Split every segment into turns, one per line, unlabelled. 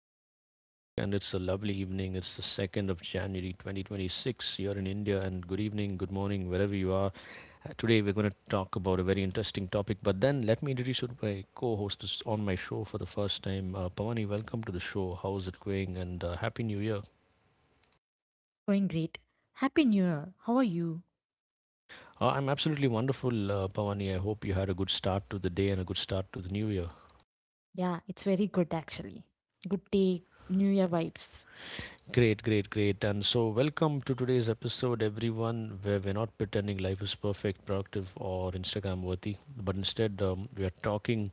favorite host, Dominic. And it's a lovely evening. It's the 2nd of January 2026 here in India. And good evening, good morning, wherever you are. Today, we're going to talk about a very interesting topic. But then, let me introduce you to my co host on my show for the first time. Pavani, welcome to the show. How's it going? And Happy New Year.
Going great. Happy New Year. How are you?
I'm absolutely wonderful, Pavani. I hope you had a good start to the day and a good start to the new year.
Yeah, it's very good actually. Good day, New Year vibes.
Great, great, great. And so, welcome to today's episode, everyone, where we're not pretending life is perfect, productive, or Instagram worthy, but instead, we are talking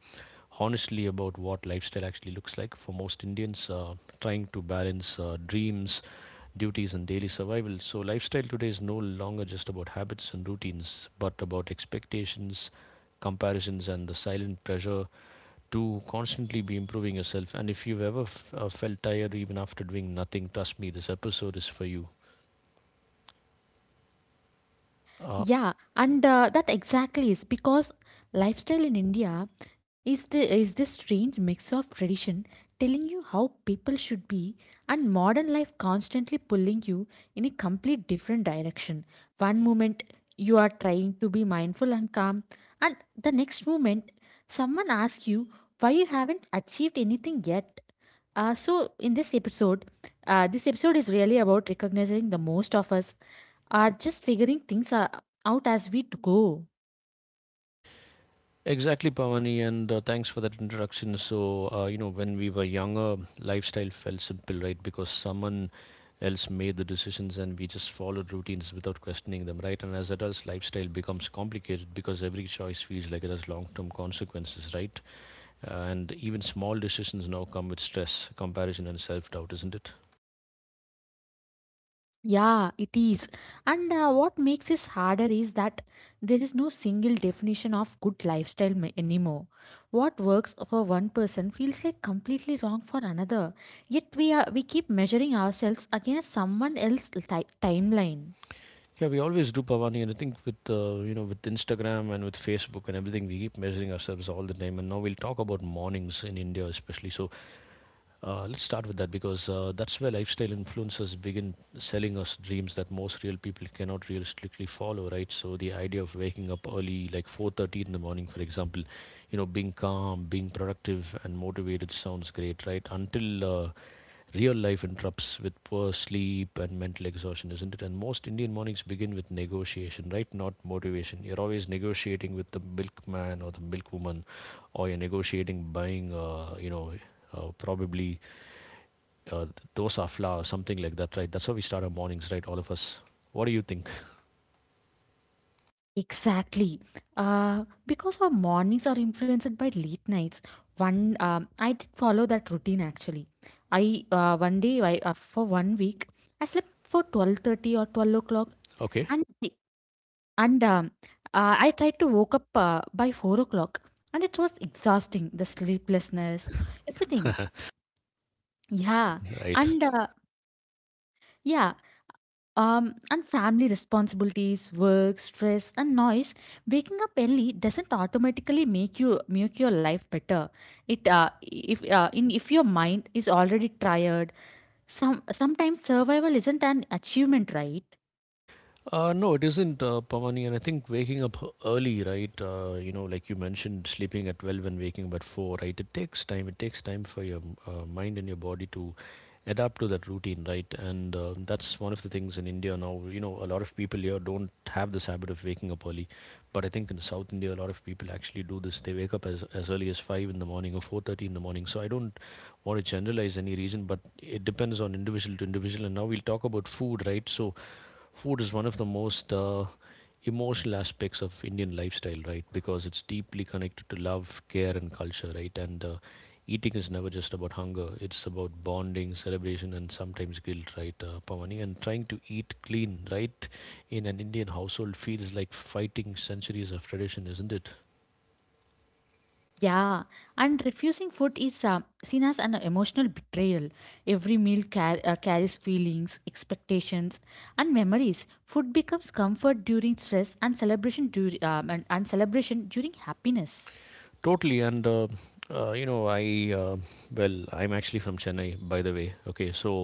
honestly about what lifestyle actually looks like for most Indians trying to balance dreams, duties, and daily survival. So, lifestyle today is no longer just about habits and routines, but about expectations, comparisons, and the silent pressure to constantly be improving yourself. And if you've ever felt tired even after doing nothing, trust me, this episode is for you. Uh,
Yeah, and that exactly is because lifestyle in India is this strange mix of tradition telling you how people should be and modern life constantly pulling you in a complete different direction. One moment you are trying to be mindful and calm, and the next moment someone asks you why you haven't achieved anything yet. So in this episode is really about recognizing the most of us are just figuring things out as we go.
exactly, Pavani, and thanks for that introduction. So, you know, when we were younger, lifestyle felt simple, right? Because someone else made the decisions and we just followed routines without questioning them, right? And as adults, lifestyle becomes complicated because every choice feels like it has long term consequences, right? And even small decisions now come with stress, comparison, and self doubt, isn't it?
Yeah, it is. And what makes this harder is that there is no single definition of good lifestyle anymore. What works for one person feels like completely wrong for another. Yet we keep measuring ourselves against someone else's timeline.
Yeah, we always do, Pavani, and I think with you know with Instagram and with Facebook and everything, we keep measuring ourselves all the time. And now we'll talk about mornings in India, especially. So let's start with that because that's where lifestyle influencers begin selling us dreams that most real people cannot realistically follow, right? So the idea of waking up early, like 4:30 in the morning, for example, you know, being calm, being productive, and motivated sounds great, right? Until real life interrupts with poor sleep and mental exhaustion, isn't it? And most Indian mornings begin with negotiation, right? Not motivation. You're always negotiating with the milkman or the milkwoman, or you're negotiating buying, you know, probably uh, dosa flour, something like that, right? That's how we start our mornings, right? All of us. What do you think?
Exactly. Because our mornings are influenced by late nights. I did follow that routine actually. I one day I, for one week I slept for 12:30 or 12 o'clock
Okay.
and And I tried to woke up by 4 o'clock, and it was exhausting. The sleeplessness, everything. Yeah,
right.
and yeah, and family responsibilities, work, stress, and noise. Waking up early doesn't automatically make you make your life better. It if in if your mind is already tired, sometimes survival isn't an achievement, right?
No, it isn't, Pavani. And I think waking up h- early, right? You know, like you mentioned, sleeping at 12 and waking up at 4, right? It takes time. It takes time for your mind and your body to adapt to that routine, right? And that's one of the things in India now. You know, a lot of people here don't have this habit of waking up early. But I think in South India, a lot of people actually do this. They wake up as early as 5 in the morning or 4:30 in the morning. So I don't want to generalize any reason, but it depends on individual to individual. And now we'll talk about food, right? So food is one of the most emotional aspects of Indian lifestyle, right? Because it's deeply connected to love, care, and culture, right? And eating is never just about hunger, it's about bonding, celebration, and sometimes guilt, right, Pavani? And trying to eat clean, right, in an Indian household feels like fighting centuries of tradition, isn't it?
Yeah, and refusing food is seen as an emotional betrayal. Every meal carries feelings, expectations, and memories. Food becomes comfort during stress and celebration during happiness.
Totally, and you know, I well, I'm actually from Chennai, by the way. Okay, so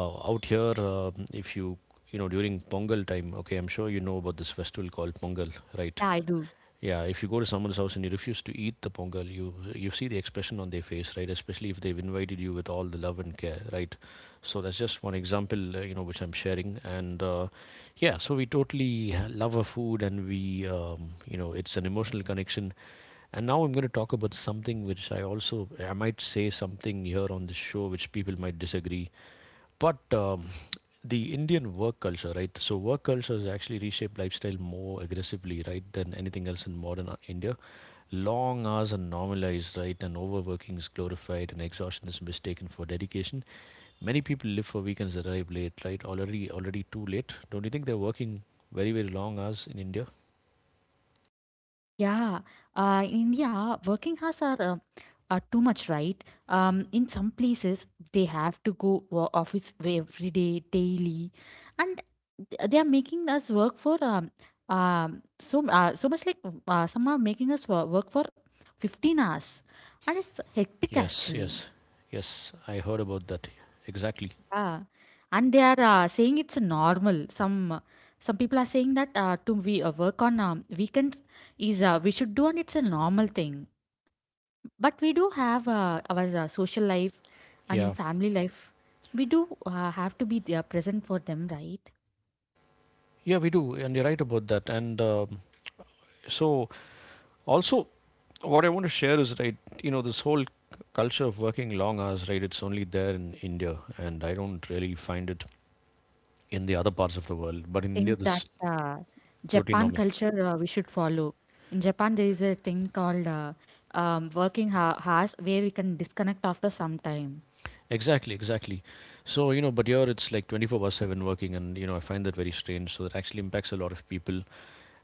Out here, if you know during Pongal time, okay, I'm sure you know about this festival called Pongal, right?
Yeah, I do.
Yeah, if you go to someone's house and you refuse to eat the Pongal, you see the expression on their face, right? Especially if they've invited you with all the love and care, right? So that's just one example, you know, which I'm sharing. And yeah, so we totally love our food, and we you know it's an emotional connection. And now I'm going to talk about something which I might say something here on this show which people might disagree but the Indian work culture, right? So work culture has actually reshaped lifestyle more aggressively, right, than anything else in modern India. Long hours are normalized, right, and overworking is glorified, and exhaustion is mistaken for dedication. Many people live for weekends that arrive late, right? Already too late. Don't you think they're working very, very long hours in India?
Yeah, in India, working hours are, are too much, right? In some places, they have to go office every day, daily, and they are making us work for so much like some are making us work for 15 hours, and it's hectic
Yes,
actually.
yes, yes. I heard about that. Exactly.
Yeah, and they are saying it's normal. Some people are saying that to we work on weekends is we should do, and it's a normal thing. But we do have our social life
Yeah,
and family life. We do have to be there present for them, right?
yeah, we do, and you're right about that. And so also what I want to share is right, you know, this whole culture of working long hours, right? It's only there in India, and I don't really find it in the other parts of the world. But in India,
Think
this
that
is totally
Japan
normal.
culture we should follow. In Japan, there is a thing called working hours where we can disconnect after some time.
Exactly, exactly. So, you know, but here it's like 24 by 7 working, and, you know, I find that very strange. So, that actually impacts a lot of people.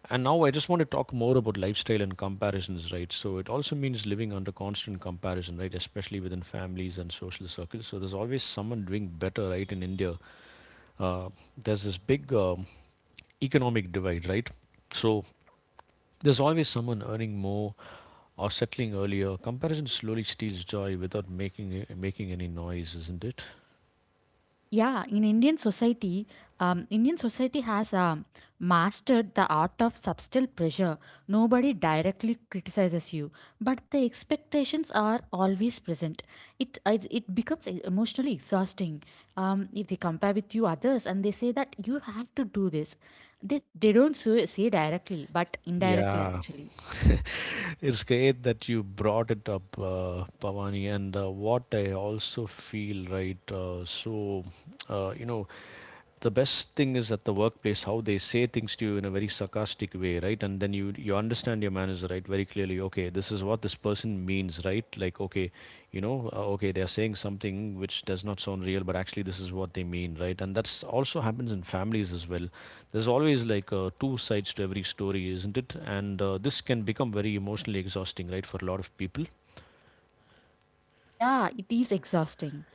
And now I just want to talk more about lifestyle and comparisons, right? So, it also means living under constant comparison, right? Especially within families and social circles. So, there's always someone doing better, right? In India, uh, there's this big economic divide, right? So there's always someone earning more or settling earlier. Comparison slowly steals joy without making any noise, isn't it?
Yeah, Indian society has mastered the art of subtle pressure. Nobody directly criticizes you, but the expectations are always present. It becomes emotionally exhausting if they compare with you others and they say that you have to do this. They don't say directly, but indirectly
Yeah,
actually.
it's great that you brought it up, Pavani. And what I also feel, right? So, you know, the best thing is at the workplace how they say things to you in a very sarcastic way, right? And then you understand your manager, right, very clearly. Okay, this is what this person means, right? Like okay, you know, okay, they are saying something which does not sound real, but actually this is what they mean, right? And that's also happens in families as well. There's always like two sides to every story, isn't it? And this can become very emotionally exhausting, right, for a lot of people.
Yeah, it is exhausting.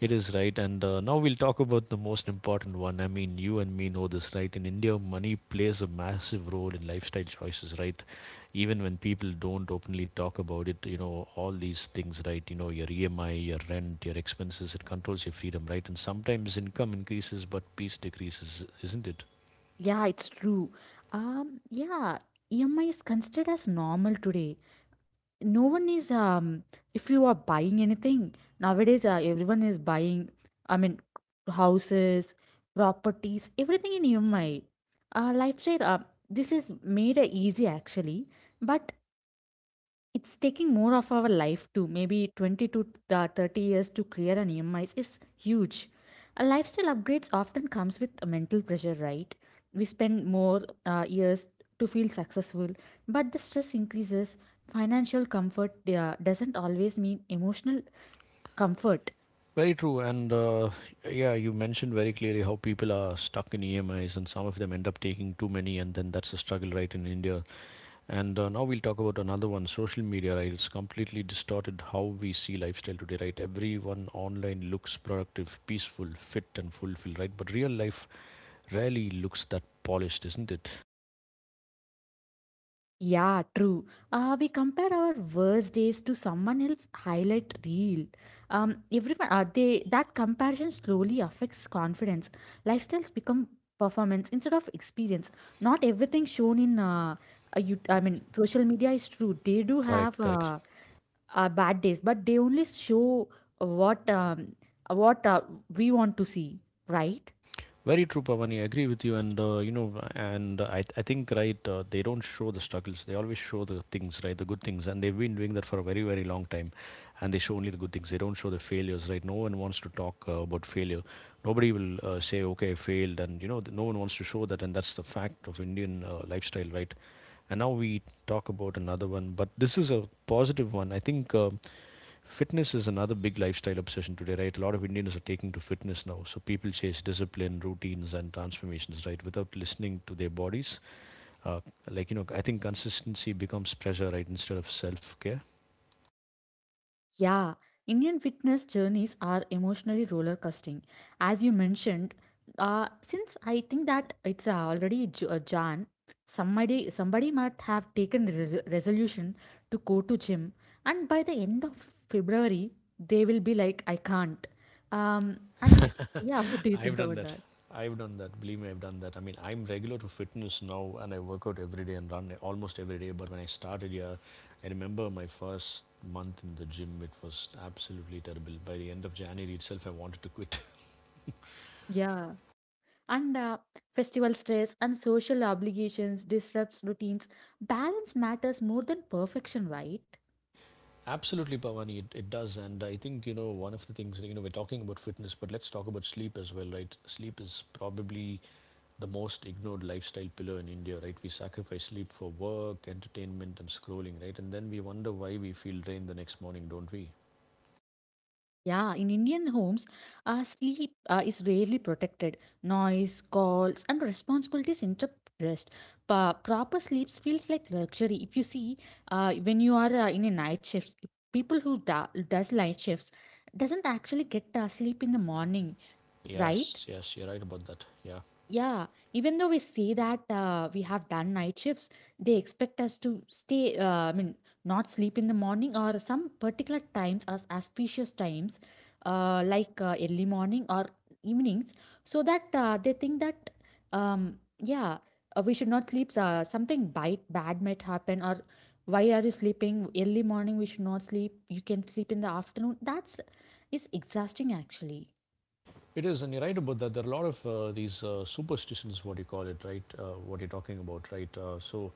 It is right, and now we'll talk about the most important one. I mean, you and me know this, right? In India, money plays a massive role in lifestyle choices, right? Even when people don't openly talk about it, you know, all these things, right? You know, your EMI, your rent, your expenses, it controls your freedom, right? And sometimes income increases, but peace decreases, isn't it?
Yeah, it's true. Yeah, EMI is considered as normal today. No one is if you are buying anything nowadays, everyone is buying, I mean, houses, properties, everything in EMI. Lifestyle, this is made easy actually. But it's taking more of our life too, maybe 20 to 30 years to clear an EMIs is huge. A lifestyle upgrades often comes with a mental pressure, right? We spend more years to feel successful, but the stress increases. Financial comfort doesn't always mean emotional comfort.
Very true, and yeah, you mentioned very clearly how people are stuck in EMIs, and some of them end up taking too many, and then that's the struggle, right, in India. And now we'll talk about another one, social media, right? It's completely distorted how we see lifestyle today, right? Everyone online looks productive, peaceful, fit, and fulfilled, right? But real life rarely looks that polished, isn't it?
Yeah, true. We compare our worst days to someone else's highlight reel. Everyone, they that comparison slowly affects confidence. Lifestyles become performance instead of experience. Not everything shown in I mean, social media is true. They do
Correct,
have
correct.
bad days, but they only show what um, what we want to see, right?
Very true, Pavani. I agree with you, and you know, and I think right, they don't show the struggles. They always show the things, right, the good things, and they've been doing that for a very, very long time. And they show only the good things. They don't show the failures, right? No one wants to talk about failure. Nobody will say, "Okay, I failed," and you know, no one wants to show that. And that's the fact of Indian lifestyle, right? And now we talk about another one, but this is a positive one. I think fitness is another big lifestyle obsession today, right? A lot of Indians are taking to fitness now. So people chase discipline, routines, and transformations, right? Without listening to their bodies. Uh, like, you know, I think consistency becomes pressure, right? Instead of self care.
Yeah, Indian fitness journeys are emotionally roller coasting. As you mentioned, since I think that it's already Jan, somebody might have taken the resolution to go to gym, and by the end of February, they will be like, "I can't." And yeah, what do you
I've
think
done
about
that.
that?
I've done that. Believe me, I've done that. I mean, I'm regular to fitness now and I work out every day and run almost every day. But when I started here, I remember my first month in the gym, it was absolutely terrible. By the end of January itself, I wanted to quit.
Yeah. And festival stress and social obligations disrupts routines. Balance matters more than perfection, right?
Absolutely, Pavani, it does. And I think, you know, one of the things, you know, we're talking about fitness, but let's talk about sleep as well, right? Sleep is probably the most ignored lifestyle pillar in India, right? We sacrifice sleep for work, entertainment, and scrolling, right? And then we wonder why we feel drained the next morning, don't we?
Yeah, in Indian homes, sleep is rarely protected. Noise, calls, and responsibilities interrupt rest. Proper sleep feels like luxury. If you see, when you are in a night shift, people who does night shifts doesn't actually get sleep in the morning, right?
Yes, yes, you're right about that. Yeah.
Yeah, even though we see that we have done night shifts, they expect us to stay, I mean, not sleep in the morning or some particular times as auspicious times, like early morning or evenings, so that they think that, yeah, we should not sleep, something bite bad might happen, or why are you sleeping early morning? We should not sleep, you can sleep in the afternoon. That's is exhausting actually.
It is, and you're right about that. There are a lot of these superstitions, what you call it, right? What you're talking about, right? Uh, so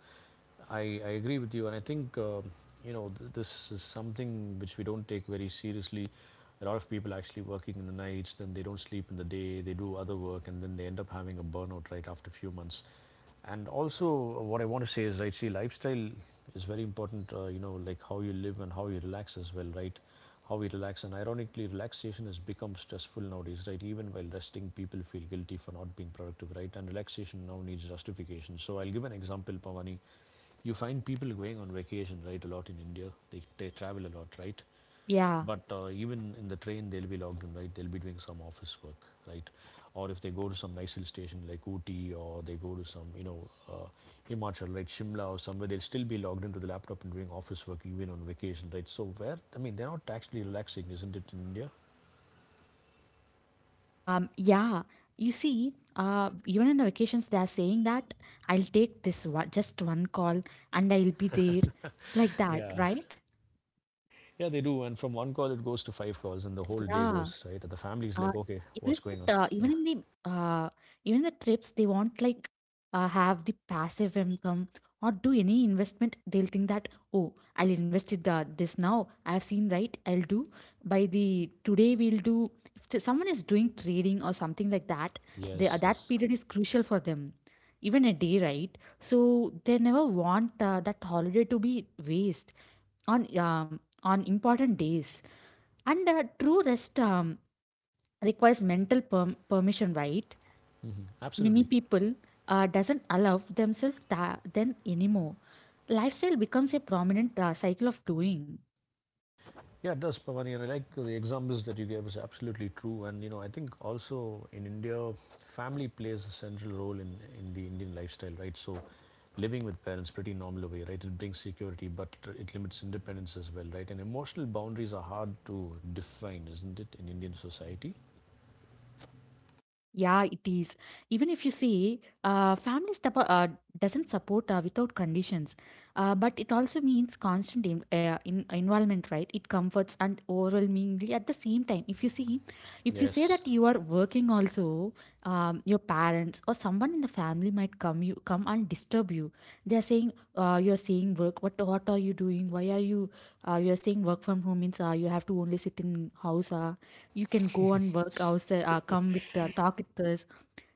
I, I agree with you, and I think this is something which we don't take very seriously. A lot of people actually working in the nights, then they don't sleep in the day, they do other work, and then they end up having a burnout right after a few months. And also, what I want to say is, right, see, lifestyle is very important. Like how you live and how you relax as well, right? How we relax, and ironically, relaxation has become stressful nowadays, right? Even while resting, people feel guilty for not being productive, right? And relaxation now needs justification. So I'll give an example, Pavani, you find people going on vacation, right, a lot in India. They travel a lot, right?
Yeah.
But even in the train, they'll be logged in, right? They'll be doing some office work, right? Or if they go to some nice hill station like Ooty or they go to some, you know, Himachal, right, Shimla or somewhere, they'll still be logged into the laptop and doing office work even on vacation, right? So where, I mean, they're not actually relaxing, isn't it, in India?
Yeah, you see, even in the vacations, they are saying that, "I'll take this one, just one call and I'll be there," like that,
Yeah,
right?
yeah, they do. And from one call, it goes to five calls, and the whole day
Yeah,
goes, right? And the family's
Uh,
like, okay,
even
what's
if it,
going on? Yeah.
even the trips, they want like have the passive income or do any investment. They'll think that, "Oh, I'll invest in this now. I've seen right. I'll do by the today. We'll do if someone is doing trading or something like that." They, uh,
Yes,
that
yes.
period is crucial for them. Even a day, right? So they never want that holiday to be waste on important days. And true rest requires mental permission, right?
Hmm.
Many
Absolutely.
people doesn't allow themselves that then anymore. Lifestyle becomes a prominent cycle of doing.
Yeah, it does, Pavani, and I like the examples that you gave is absolutely true. And you know, I think also in India, family plays a central role in the Indian lifestyle, right? So, living with parents pretty normal way, right? It brings security, but it limits independence as well, right? And emotional boundaries are hard to define, isn't it, in Indian society?
Yeah, it is. Even if you see, family step, doesn't support without conditions, but it also means constant in involvement, right? It comforts and overwhelmingly at the same time. If you say
Yes.
that you are working also, your parents or someone in the family might come and disturb you. They're saying, "You're saying work. What are you doing? Why are you? You're saying work from home means you have to only sit in house. You can go and work outside. Come with talk with us."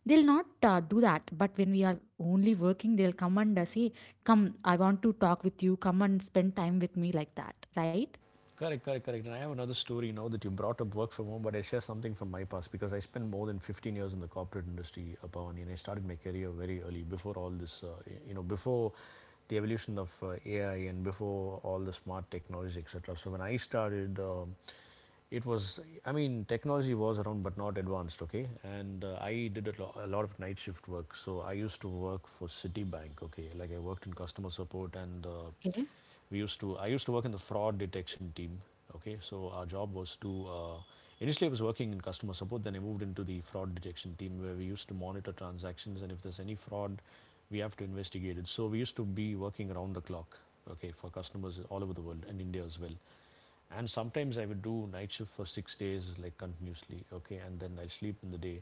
They'll not do that. But when we are only working, they'll come and say, "Come, I want to talk with you. Come and spend time with me," like that, right?
Correct, correct, correct. And I have another story now that you brought up work from home, but I share something from my past because I spent more than 15 years in the corporate industry, Pawani, and I started my career very early before all this, before the evolution of AI and before all the smart technology, etc. So when I started, it was, I mean, technology was around but not advanced, okay? And I did a lot of night shift work. So I used to work for Citibank, okay? Like I worked in customer support and
Okay,
I used to work in the fraud detection team, okay? So our job was to, initially I was working in customer support, then I moved into the fraud detection team where we used to monitor transactions and if there's any fraud, we have to investigate it. So we used to be working around the clock, okay, for customers all over the world and India as well, and sometimes I would do night shift for 6 days, like continuously, okay, and then I'll sleep in the day.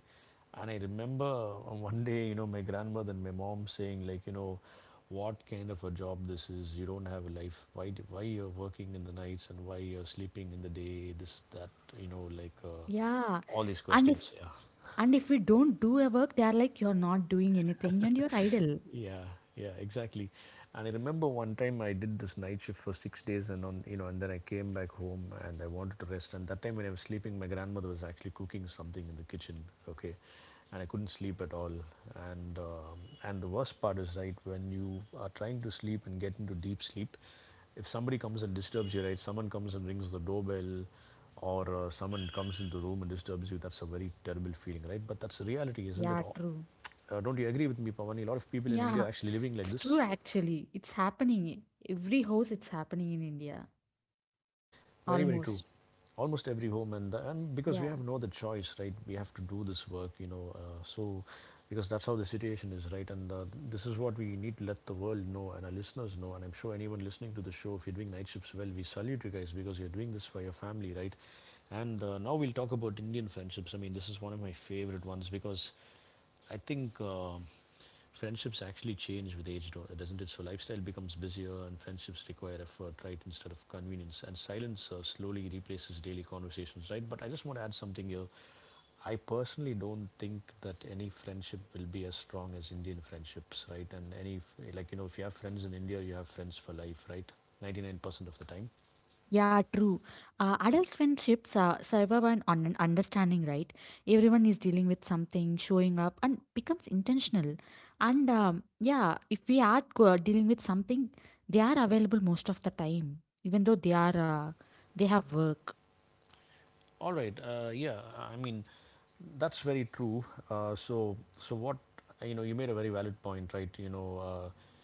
And I remember one day, you know, my grandmother and my mom saying, like, you know, what kind of a job this is? You don't have a life. Why you're working in the nights and why you're sleeping in the day? This, that, you know, like uh,
yeah.
all these
And
questions.
if
Yeah.
and if we don't do a work, they are like, "You're not doing anything and you're idle."
Yeah, yeah, exactly. And I remember one time I did this night shift for 6 days, and and then I came back home and I wanted to rest. And that time when I was sleeping, my grandmother was actually cooking something in the kitchen. Okay, and I couldn't sleep at all. And um, and the worst part is right when you are trying to sleep and get into deep sleep, if somebody comes and disturbs you, right? Someone comes and rings the doorbell, or someone comes into the room and disturbs you, that's a very terrible feeling, right? But that's the reality, isn't
Yeah,
it?
true.
Don't you agree with me, Pavan? A lot of people in India
Yeah.
are actually living like
It's true,
this.
actually. It's happening. Every house, it's happening in India.
Very, very true.
Almost.
Almost every home, and because we
Yeah.
have no other choice, right? We have to do this work, you know. So because that's how the situation is, right? And this is what we need to let the world know and our listeners know. And I'm sure anyone listening to the show, if you're doing night shifts well, we salute you guys because you're doing this for your family, right? And now we'll talk about Indian friendships. I mean, this is one of my favorite ones because I think friendships actually change with age, doesn't it? So lifestyle becomes busier, and friendships require effort, right, instead of convenience. And silence slowly replaces daily conversations, right? But I just want to add something here. I personally don't think that any friendship will be as strong as Indian friendships, right? And any, like, you know, if you have friends in India, you have friends for life, right? 99% of the time.
Yeah, true. Adult friendships survive on an understanding, right? Everyone is dealing with something, showing up, and becomes intentional. And yeah, if we are dealing with something, they are available most of the time, even though they have work.
All right. Yeah. I mean, that's very true. So what, you know, you made a very valid point, right? You know,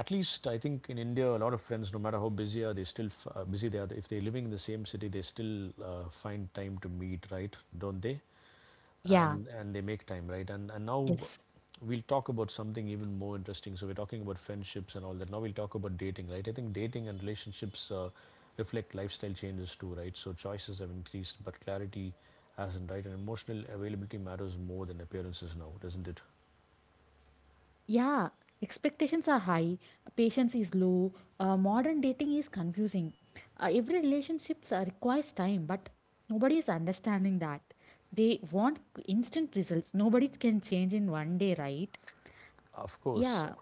at least I think in India, a lot of friends, no matter how busy are they, busy they are. If they're living in the same city, they still find time to meet, right? Don't they? uh,
Yeah.
and and they make time, right? And now
Yes.
we'll talk about something even more interesting. So we're talking about friendships and all that, now we'll talk about dating, right? I think dating and relationships reflect lifestyle changes too, right? So choices have increased but clarity hasn't, right? And emotional availability matters more than appearances now, doesn't it?
Yeah, expectations are high, patience is low, modern dating is confusing. Every relationship requires time, but nobody is understanding that. They want instant results. Nobody can change in one day, right?
Of course,
Yeah.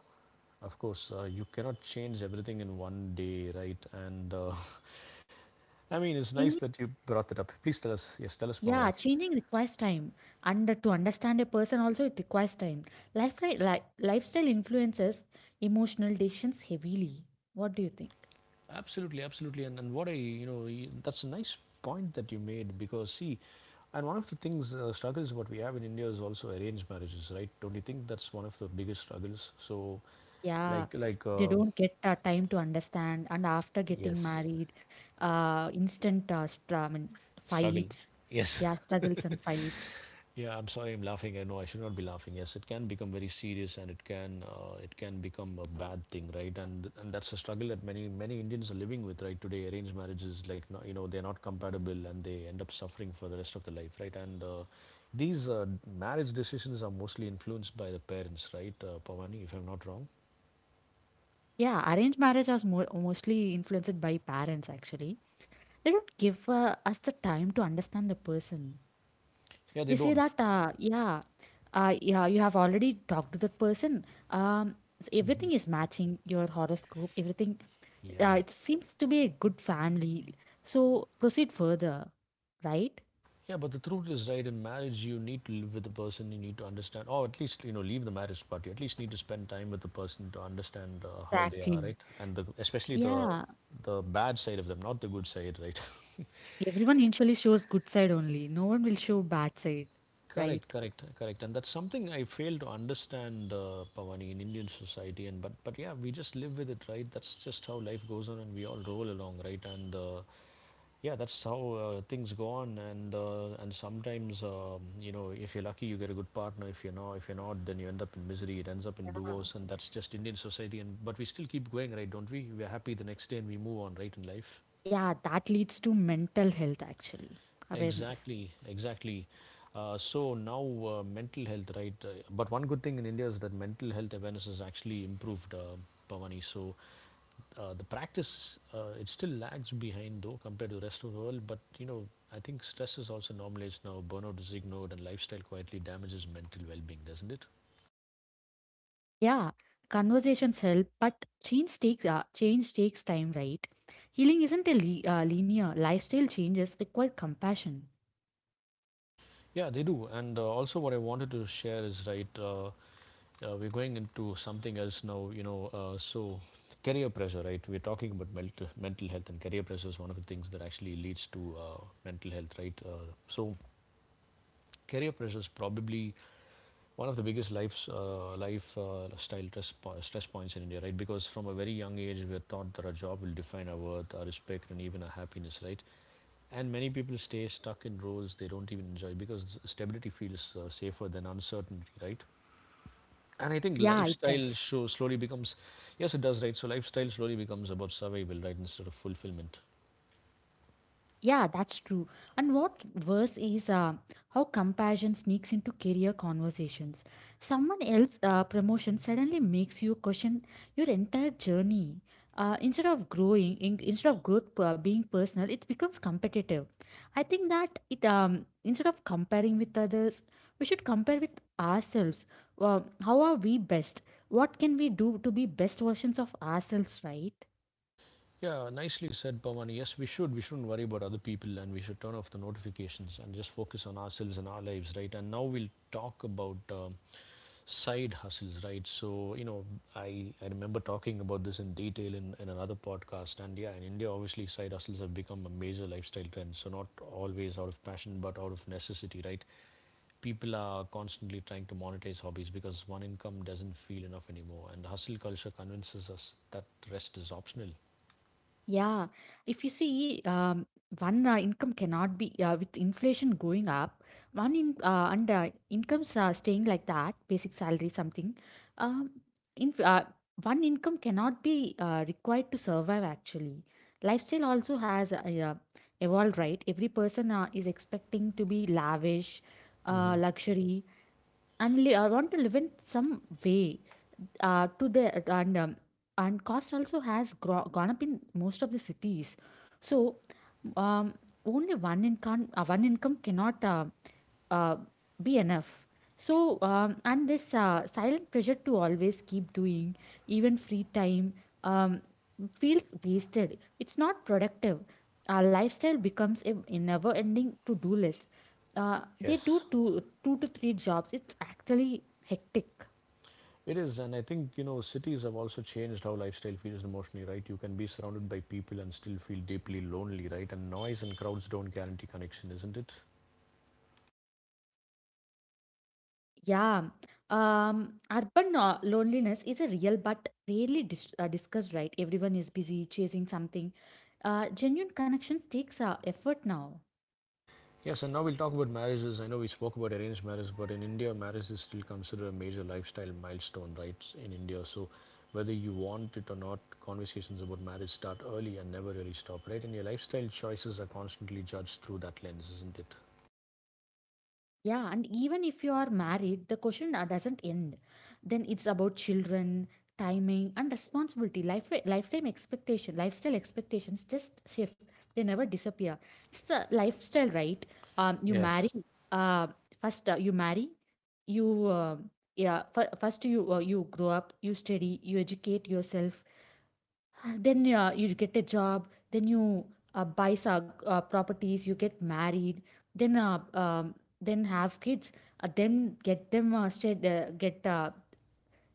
of course, you cannot change everything in one day, right? And I mean, it's nice
Changing,
that you brought that up. Please tell us. Yes, tell us,
yeah,
Pamani.
changing requires time. And to understand a person also it requires time. Lifestyle influences emotional decisions heavily. What do you think?
Absolutely, absolutely, and what I, that's a nice point that you made because see, and one of the things struggles what we have in India is also arranged marriages, right? Don't you think that's one of the biggest struggles? So,
Yeah,
like like
they
uh,
don't get time to understand, and after getting
yes,
married, instant I mean,
struggle,
fights,
yes.
yeah, struggles and fights.
Yeah, I'm sorry, I'm laughing, I know I should not be laughing. Yes, it can become very serious and it can become a bad thing, right? And that's a struggle that many Indians are living with right today. Arranged marriages, you know, they're not compatible and they end up suffering for the rest of their life, right? And these marriage decisions are mostly influenced by the parents, right? Pavani, if I'm not wrong.
Yeah, arranged marriage is mo mostly influenced by parents, actually. They don't give us the time to understand the person.
Yeah, they
They say
don't.
that, yeah, yeah, you have already talked to that person. Everything is matching your horoscope. Everything,
Yeah.
it seems to be a good family. So proceed further, right?
Yeah, but the truth is, right, in marriage, you need to live with the person, you need to understand, or at least, you know, leave the marriage part. You at least need to spend time with the person to understand how they are,
Exactly.
right? And the, especially
Yeah.
the bad side of them, not the good side, right?
Everyone initially shows good side only. No one will show bad side,
Correct,
right?
correct, correct. And that's something I fail to understand, Pavani, in Indian society. And but yeah, we just live with it, right? That's just how life goes on, and we all roll along, right? And yeah, that's how things go on, and sometimes you know, if you're lucky you get a good partner. If you're not, then you end up in misery. It ends up
Yeah.
in divorce, and that's just Indian society. And but we still keep going, right? Don't we? We're happy the next day and we move on, right? In life.
Yeah, that leads to mental health actually. Awareness.
Exactly, exactly. So now mental health, right? But one good thing in India is that mental health awareness has actually improved, Pavani. So the practice it still lags behind though compared to the rest of the world. But you know, I think stress is also normalized now. Burnout is ignored, and lifestyle quietly damages mental well-being, doesn't it?
Yeah. Conversations help, but change takes time, right? Healing isn't a linear. Lifestyle changes require compassion.
Yeah, they do. And also, what I wanted to share is right. We're going into something else now, you know. Career pressure, right? We're talking about mental health, and career pressure is one of the things that actually leads to mental health, right? Career pressure is probably one of the biggest life's life style stress, stress points in India, right? Because from a very young age, we're taught that our job will define our worth, our respect, and even our happiness, right? And many people stay stuck in roles they don't even enjoy because stability feels safer than uncertainty, right? And I think
Yeah, it
lifestyle
does.
show slowly becomes, yes, it does, right? So lifestyle slowly becomes about survival, right, instead of fulfillment.
Yeah, that's true. And what worse is how comparison sneaks into career conversations. Someone else's promotion suddenly makes you question your entire journey. Instead of growth being personal, it becomes competitive. I think that it instead of comparing with others, we should compare with ourselves. How are we best? What can we do to be best versions of ourselves? Right?
Yeah, nicely said, Pavani. Yes, we should. We shouldn't worry about other people, and we should turn off the notifications and just focus on ourselves and our lives, right? And now we'll talk about side hustles, right? I remember talking about this in detail in another podcast, and yeah, in India, obviously, side hustles have become a major lifestyle trend. So not always out of passion, but out of necessity, right? People are constantly trying to monetize hobbies because one income doesn't feel enough anymore, and hustle culture convinces us that rest is optional.
Yeah, if you see, one income cannot be, with inflation going up. One in and incomes staying like that, basic salary something. Um, in one income cannot be required to survive. Actually, lifestyle also has evolved. Right, every person is expecting to be lavish,
Hmm,
luxury, and I want to live in some way to the and cost also has gone up in most of the cities, so um, only one income cannot uh, be enough. So, and this silent pressure to always keep doing, even free time um, feels wasted, it's not productive. Our lifestyle becomes a never ending to do list. They do
yes
two to three jobs, it's actually hectic.
it is, and I think you know cities have also changed how lifestyle feels emotionally, right? You can be surrounded by people and still feel deeply lonely, right? And noise and crowds don't guarantee connection, isn't it?
Yeah, urban loneliness is a real but rarely discussed, right? Everyone is busy chasing something. Genuine connections takes effort now.
Yes, and now we'll talk about marriages. I know we spoke about arranged marriage, but in India, marriage is still considered a major lifestyle milestone, right? In India, so whether you want it or not, conversations about marriage start early and never really stop, right? And your lifestyle choices are constantly judged through that lens, isn't it?
Yeah, and even if you are married, the question doesn't end. Then it's about children, timing, and responsibility. Lifetime expectation, lifestyle expectations just shift. They never disappear. It's the lifestyle, right? You marry.
Yes.
Uh, first you marry. You uh, first you grow up. You study. You educate yourself, then you get a job, then you buy properties, you get married, then uh, um, then have kids, then get them stud-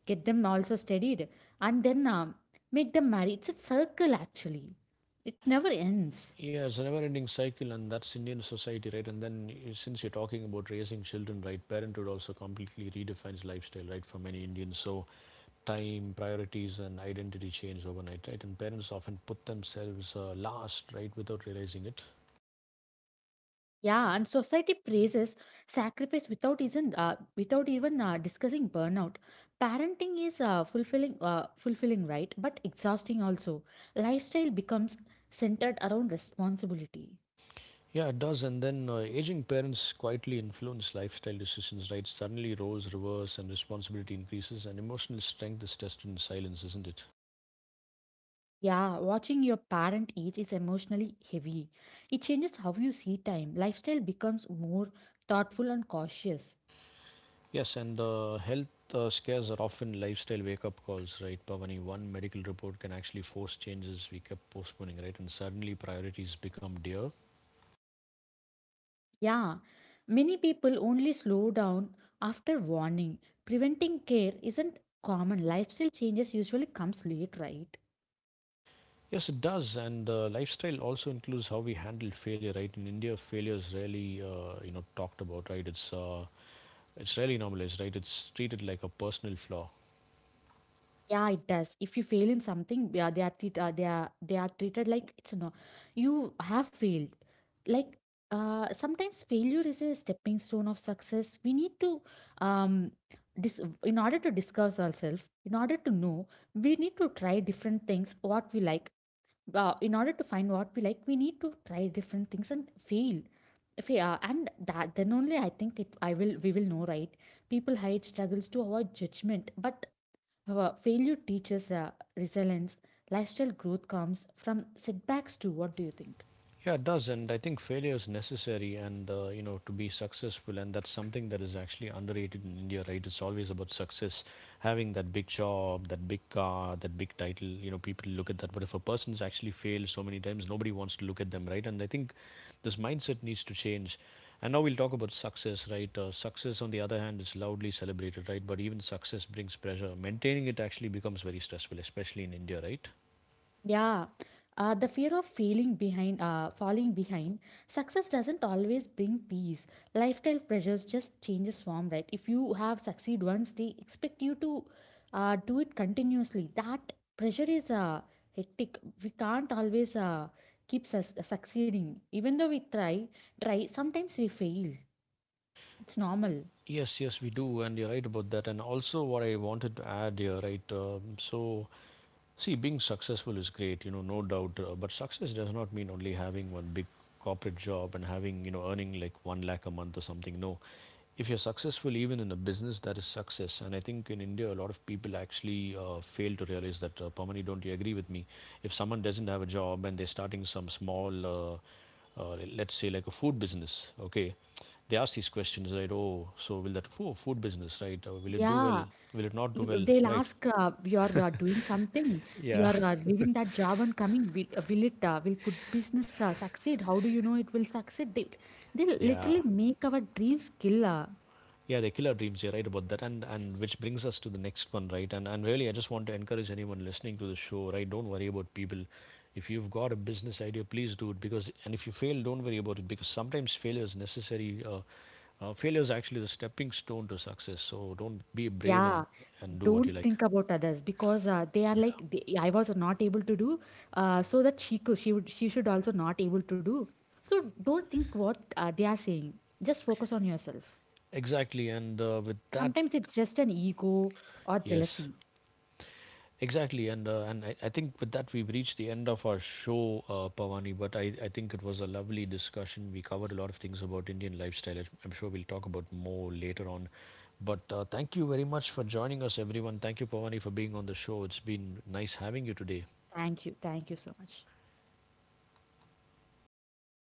get them also studied, and then make them marry. It's a circle actually, it never ends.
Yeah, it's a never-ending cycle, and that's Indian society, right? And then, since you're talking about raising children, right, parenthood also completely redefines lifestyle, right, for many Indians. So, time, priorities, and identity change overnight, right? And parents often put themselves last, right, without realizing it.
Yeah, and society praises sacrifice without even discussing burnout. Parenting is fulfilling, right? But exhausting also. Lifestyle becomes centered around responsibility.
Yeah, it does. And then aging parents quietly influence lifestyle decisions, right? Suddenly roles reverse and responsibility increases, and emotional strength is tested in silence, isn't it?
Yeah, watching your parent age is emotionally heavy. It changes how you see time. Lifestyle becomes more thoughtful and cautious.
Yes, and health scares are often lifestyle wake up calls, right? Bhavani, one medical report can actually force changes we kept postponing, right? And suddenly priorities become dear.
Yeah, many people only slow down after warning. Preventing care isn't common. Lifestyle changes usually comes late, right?
Yes, it does, and lifestyle also includes how we handle failure, right? In India, failure is rarely, talked about, right? It's rarely normalized, right? It's treated like a personal flaw.
Yeah, it does. If you fail in something, yeah, they are treated like it's no, you have failed. Like, sometimes failure is a stepping stone of success. We need to um, in order to discuss ourselves, in order to know, we need to try different things. What we like, in order to find what we like, we need to try different things and fail. If we and that, then only I think it I will we will know, right? People hide struggles to avoid judgment, but failure teaches resilience. Lifestyle growth comes from setbacks too. What do you think?
Yeah, it does, and I think failure is necessary, and to be successful, and that's something that is actually underrated in India, right? It's always about success, having that big job, that big car, that big title. You know, people look at that, but if a person's actually failed so many times, nobody wants to look at them, right? And I think this mindset needs to change. And now we'll talk about success, right? Success, on the other hand, is loudly celebrated, right? But even success brings pressure. Maintaining it actually becomes very stressful, especially in India, right?
Yeah, the fear of failing behind, falling behind, success doesn't always bring peace. Lifestyle pressures just changes form, right? If you have succeed once, they expect you to do it continuously. That pressure is hectic. We can't always keep succeeding. Even though try, sometimes we fail. It's normal.
Yes, yes, we do, and you're right about that. And also, what I wanted to add here, right? See, being successful is great, you know, no doubt. But success does not mean only having one big corporate job and having, you know, earning like one lakh a month or something. No, if you're successful even in a business, that is success. And I think in India, a lot of people actually fail to realize that. Pamani, don't you agree with me? If someone doesn't have a job and they're starting some small, let's say like a food business, okay, they ask these questions, right? Oh, so will that oh, food business, right? Will it do well?
Yeah.
Will it not do
You
well,
they'll
right?
ask, "You're doing something. You
Yeah,
are leaving that job and coming. Will it? Will food business succeed? How do you know it will succeed?" They'll
yeah,
literally make our dreams killer.
yeah, they kill our dreams. You're right about that. And which brings us to the next one, right? And really, I just want to encourage anyone listening to the show, right? Don't worry about people. If you've got a business idea, please do it. Because and if you fail, don't worry about it, because sometimes failure is necessary. Failure is actually the stepping stone to success, so don't be brave
Yeah,
and do what you
don't
like.
think about others, because they are
Yeah,
like they, I was not able to do, so that she could she would she should also not able to do. So don't think what they are saying. Just focus on yourself.
exactly, and with that,
Sometimes it's just an ego or
yes.
jealousy.
Exactly, and and I think with that we've reached the end of our show, Pawani. But I think it was a lovely discussion. We covered a lot of things about Indian lifestyle. I'm sure we'll talk about more later on. But thank you very much for joining us, everyone. Thank you, Pawani, for being on the show. It's been nice having you today.
Thank you. Thank you so much.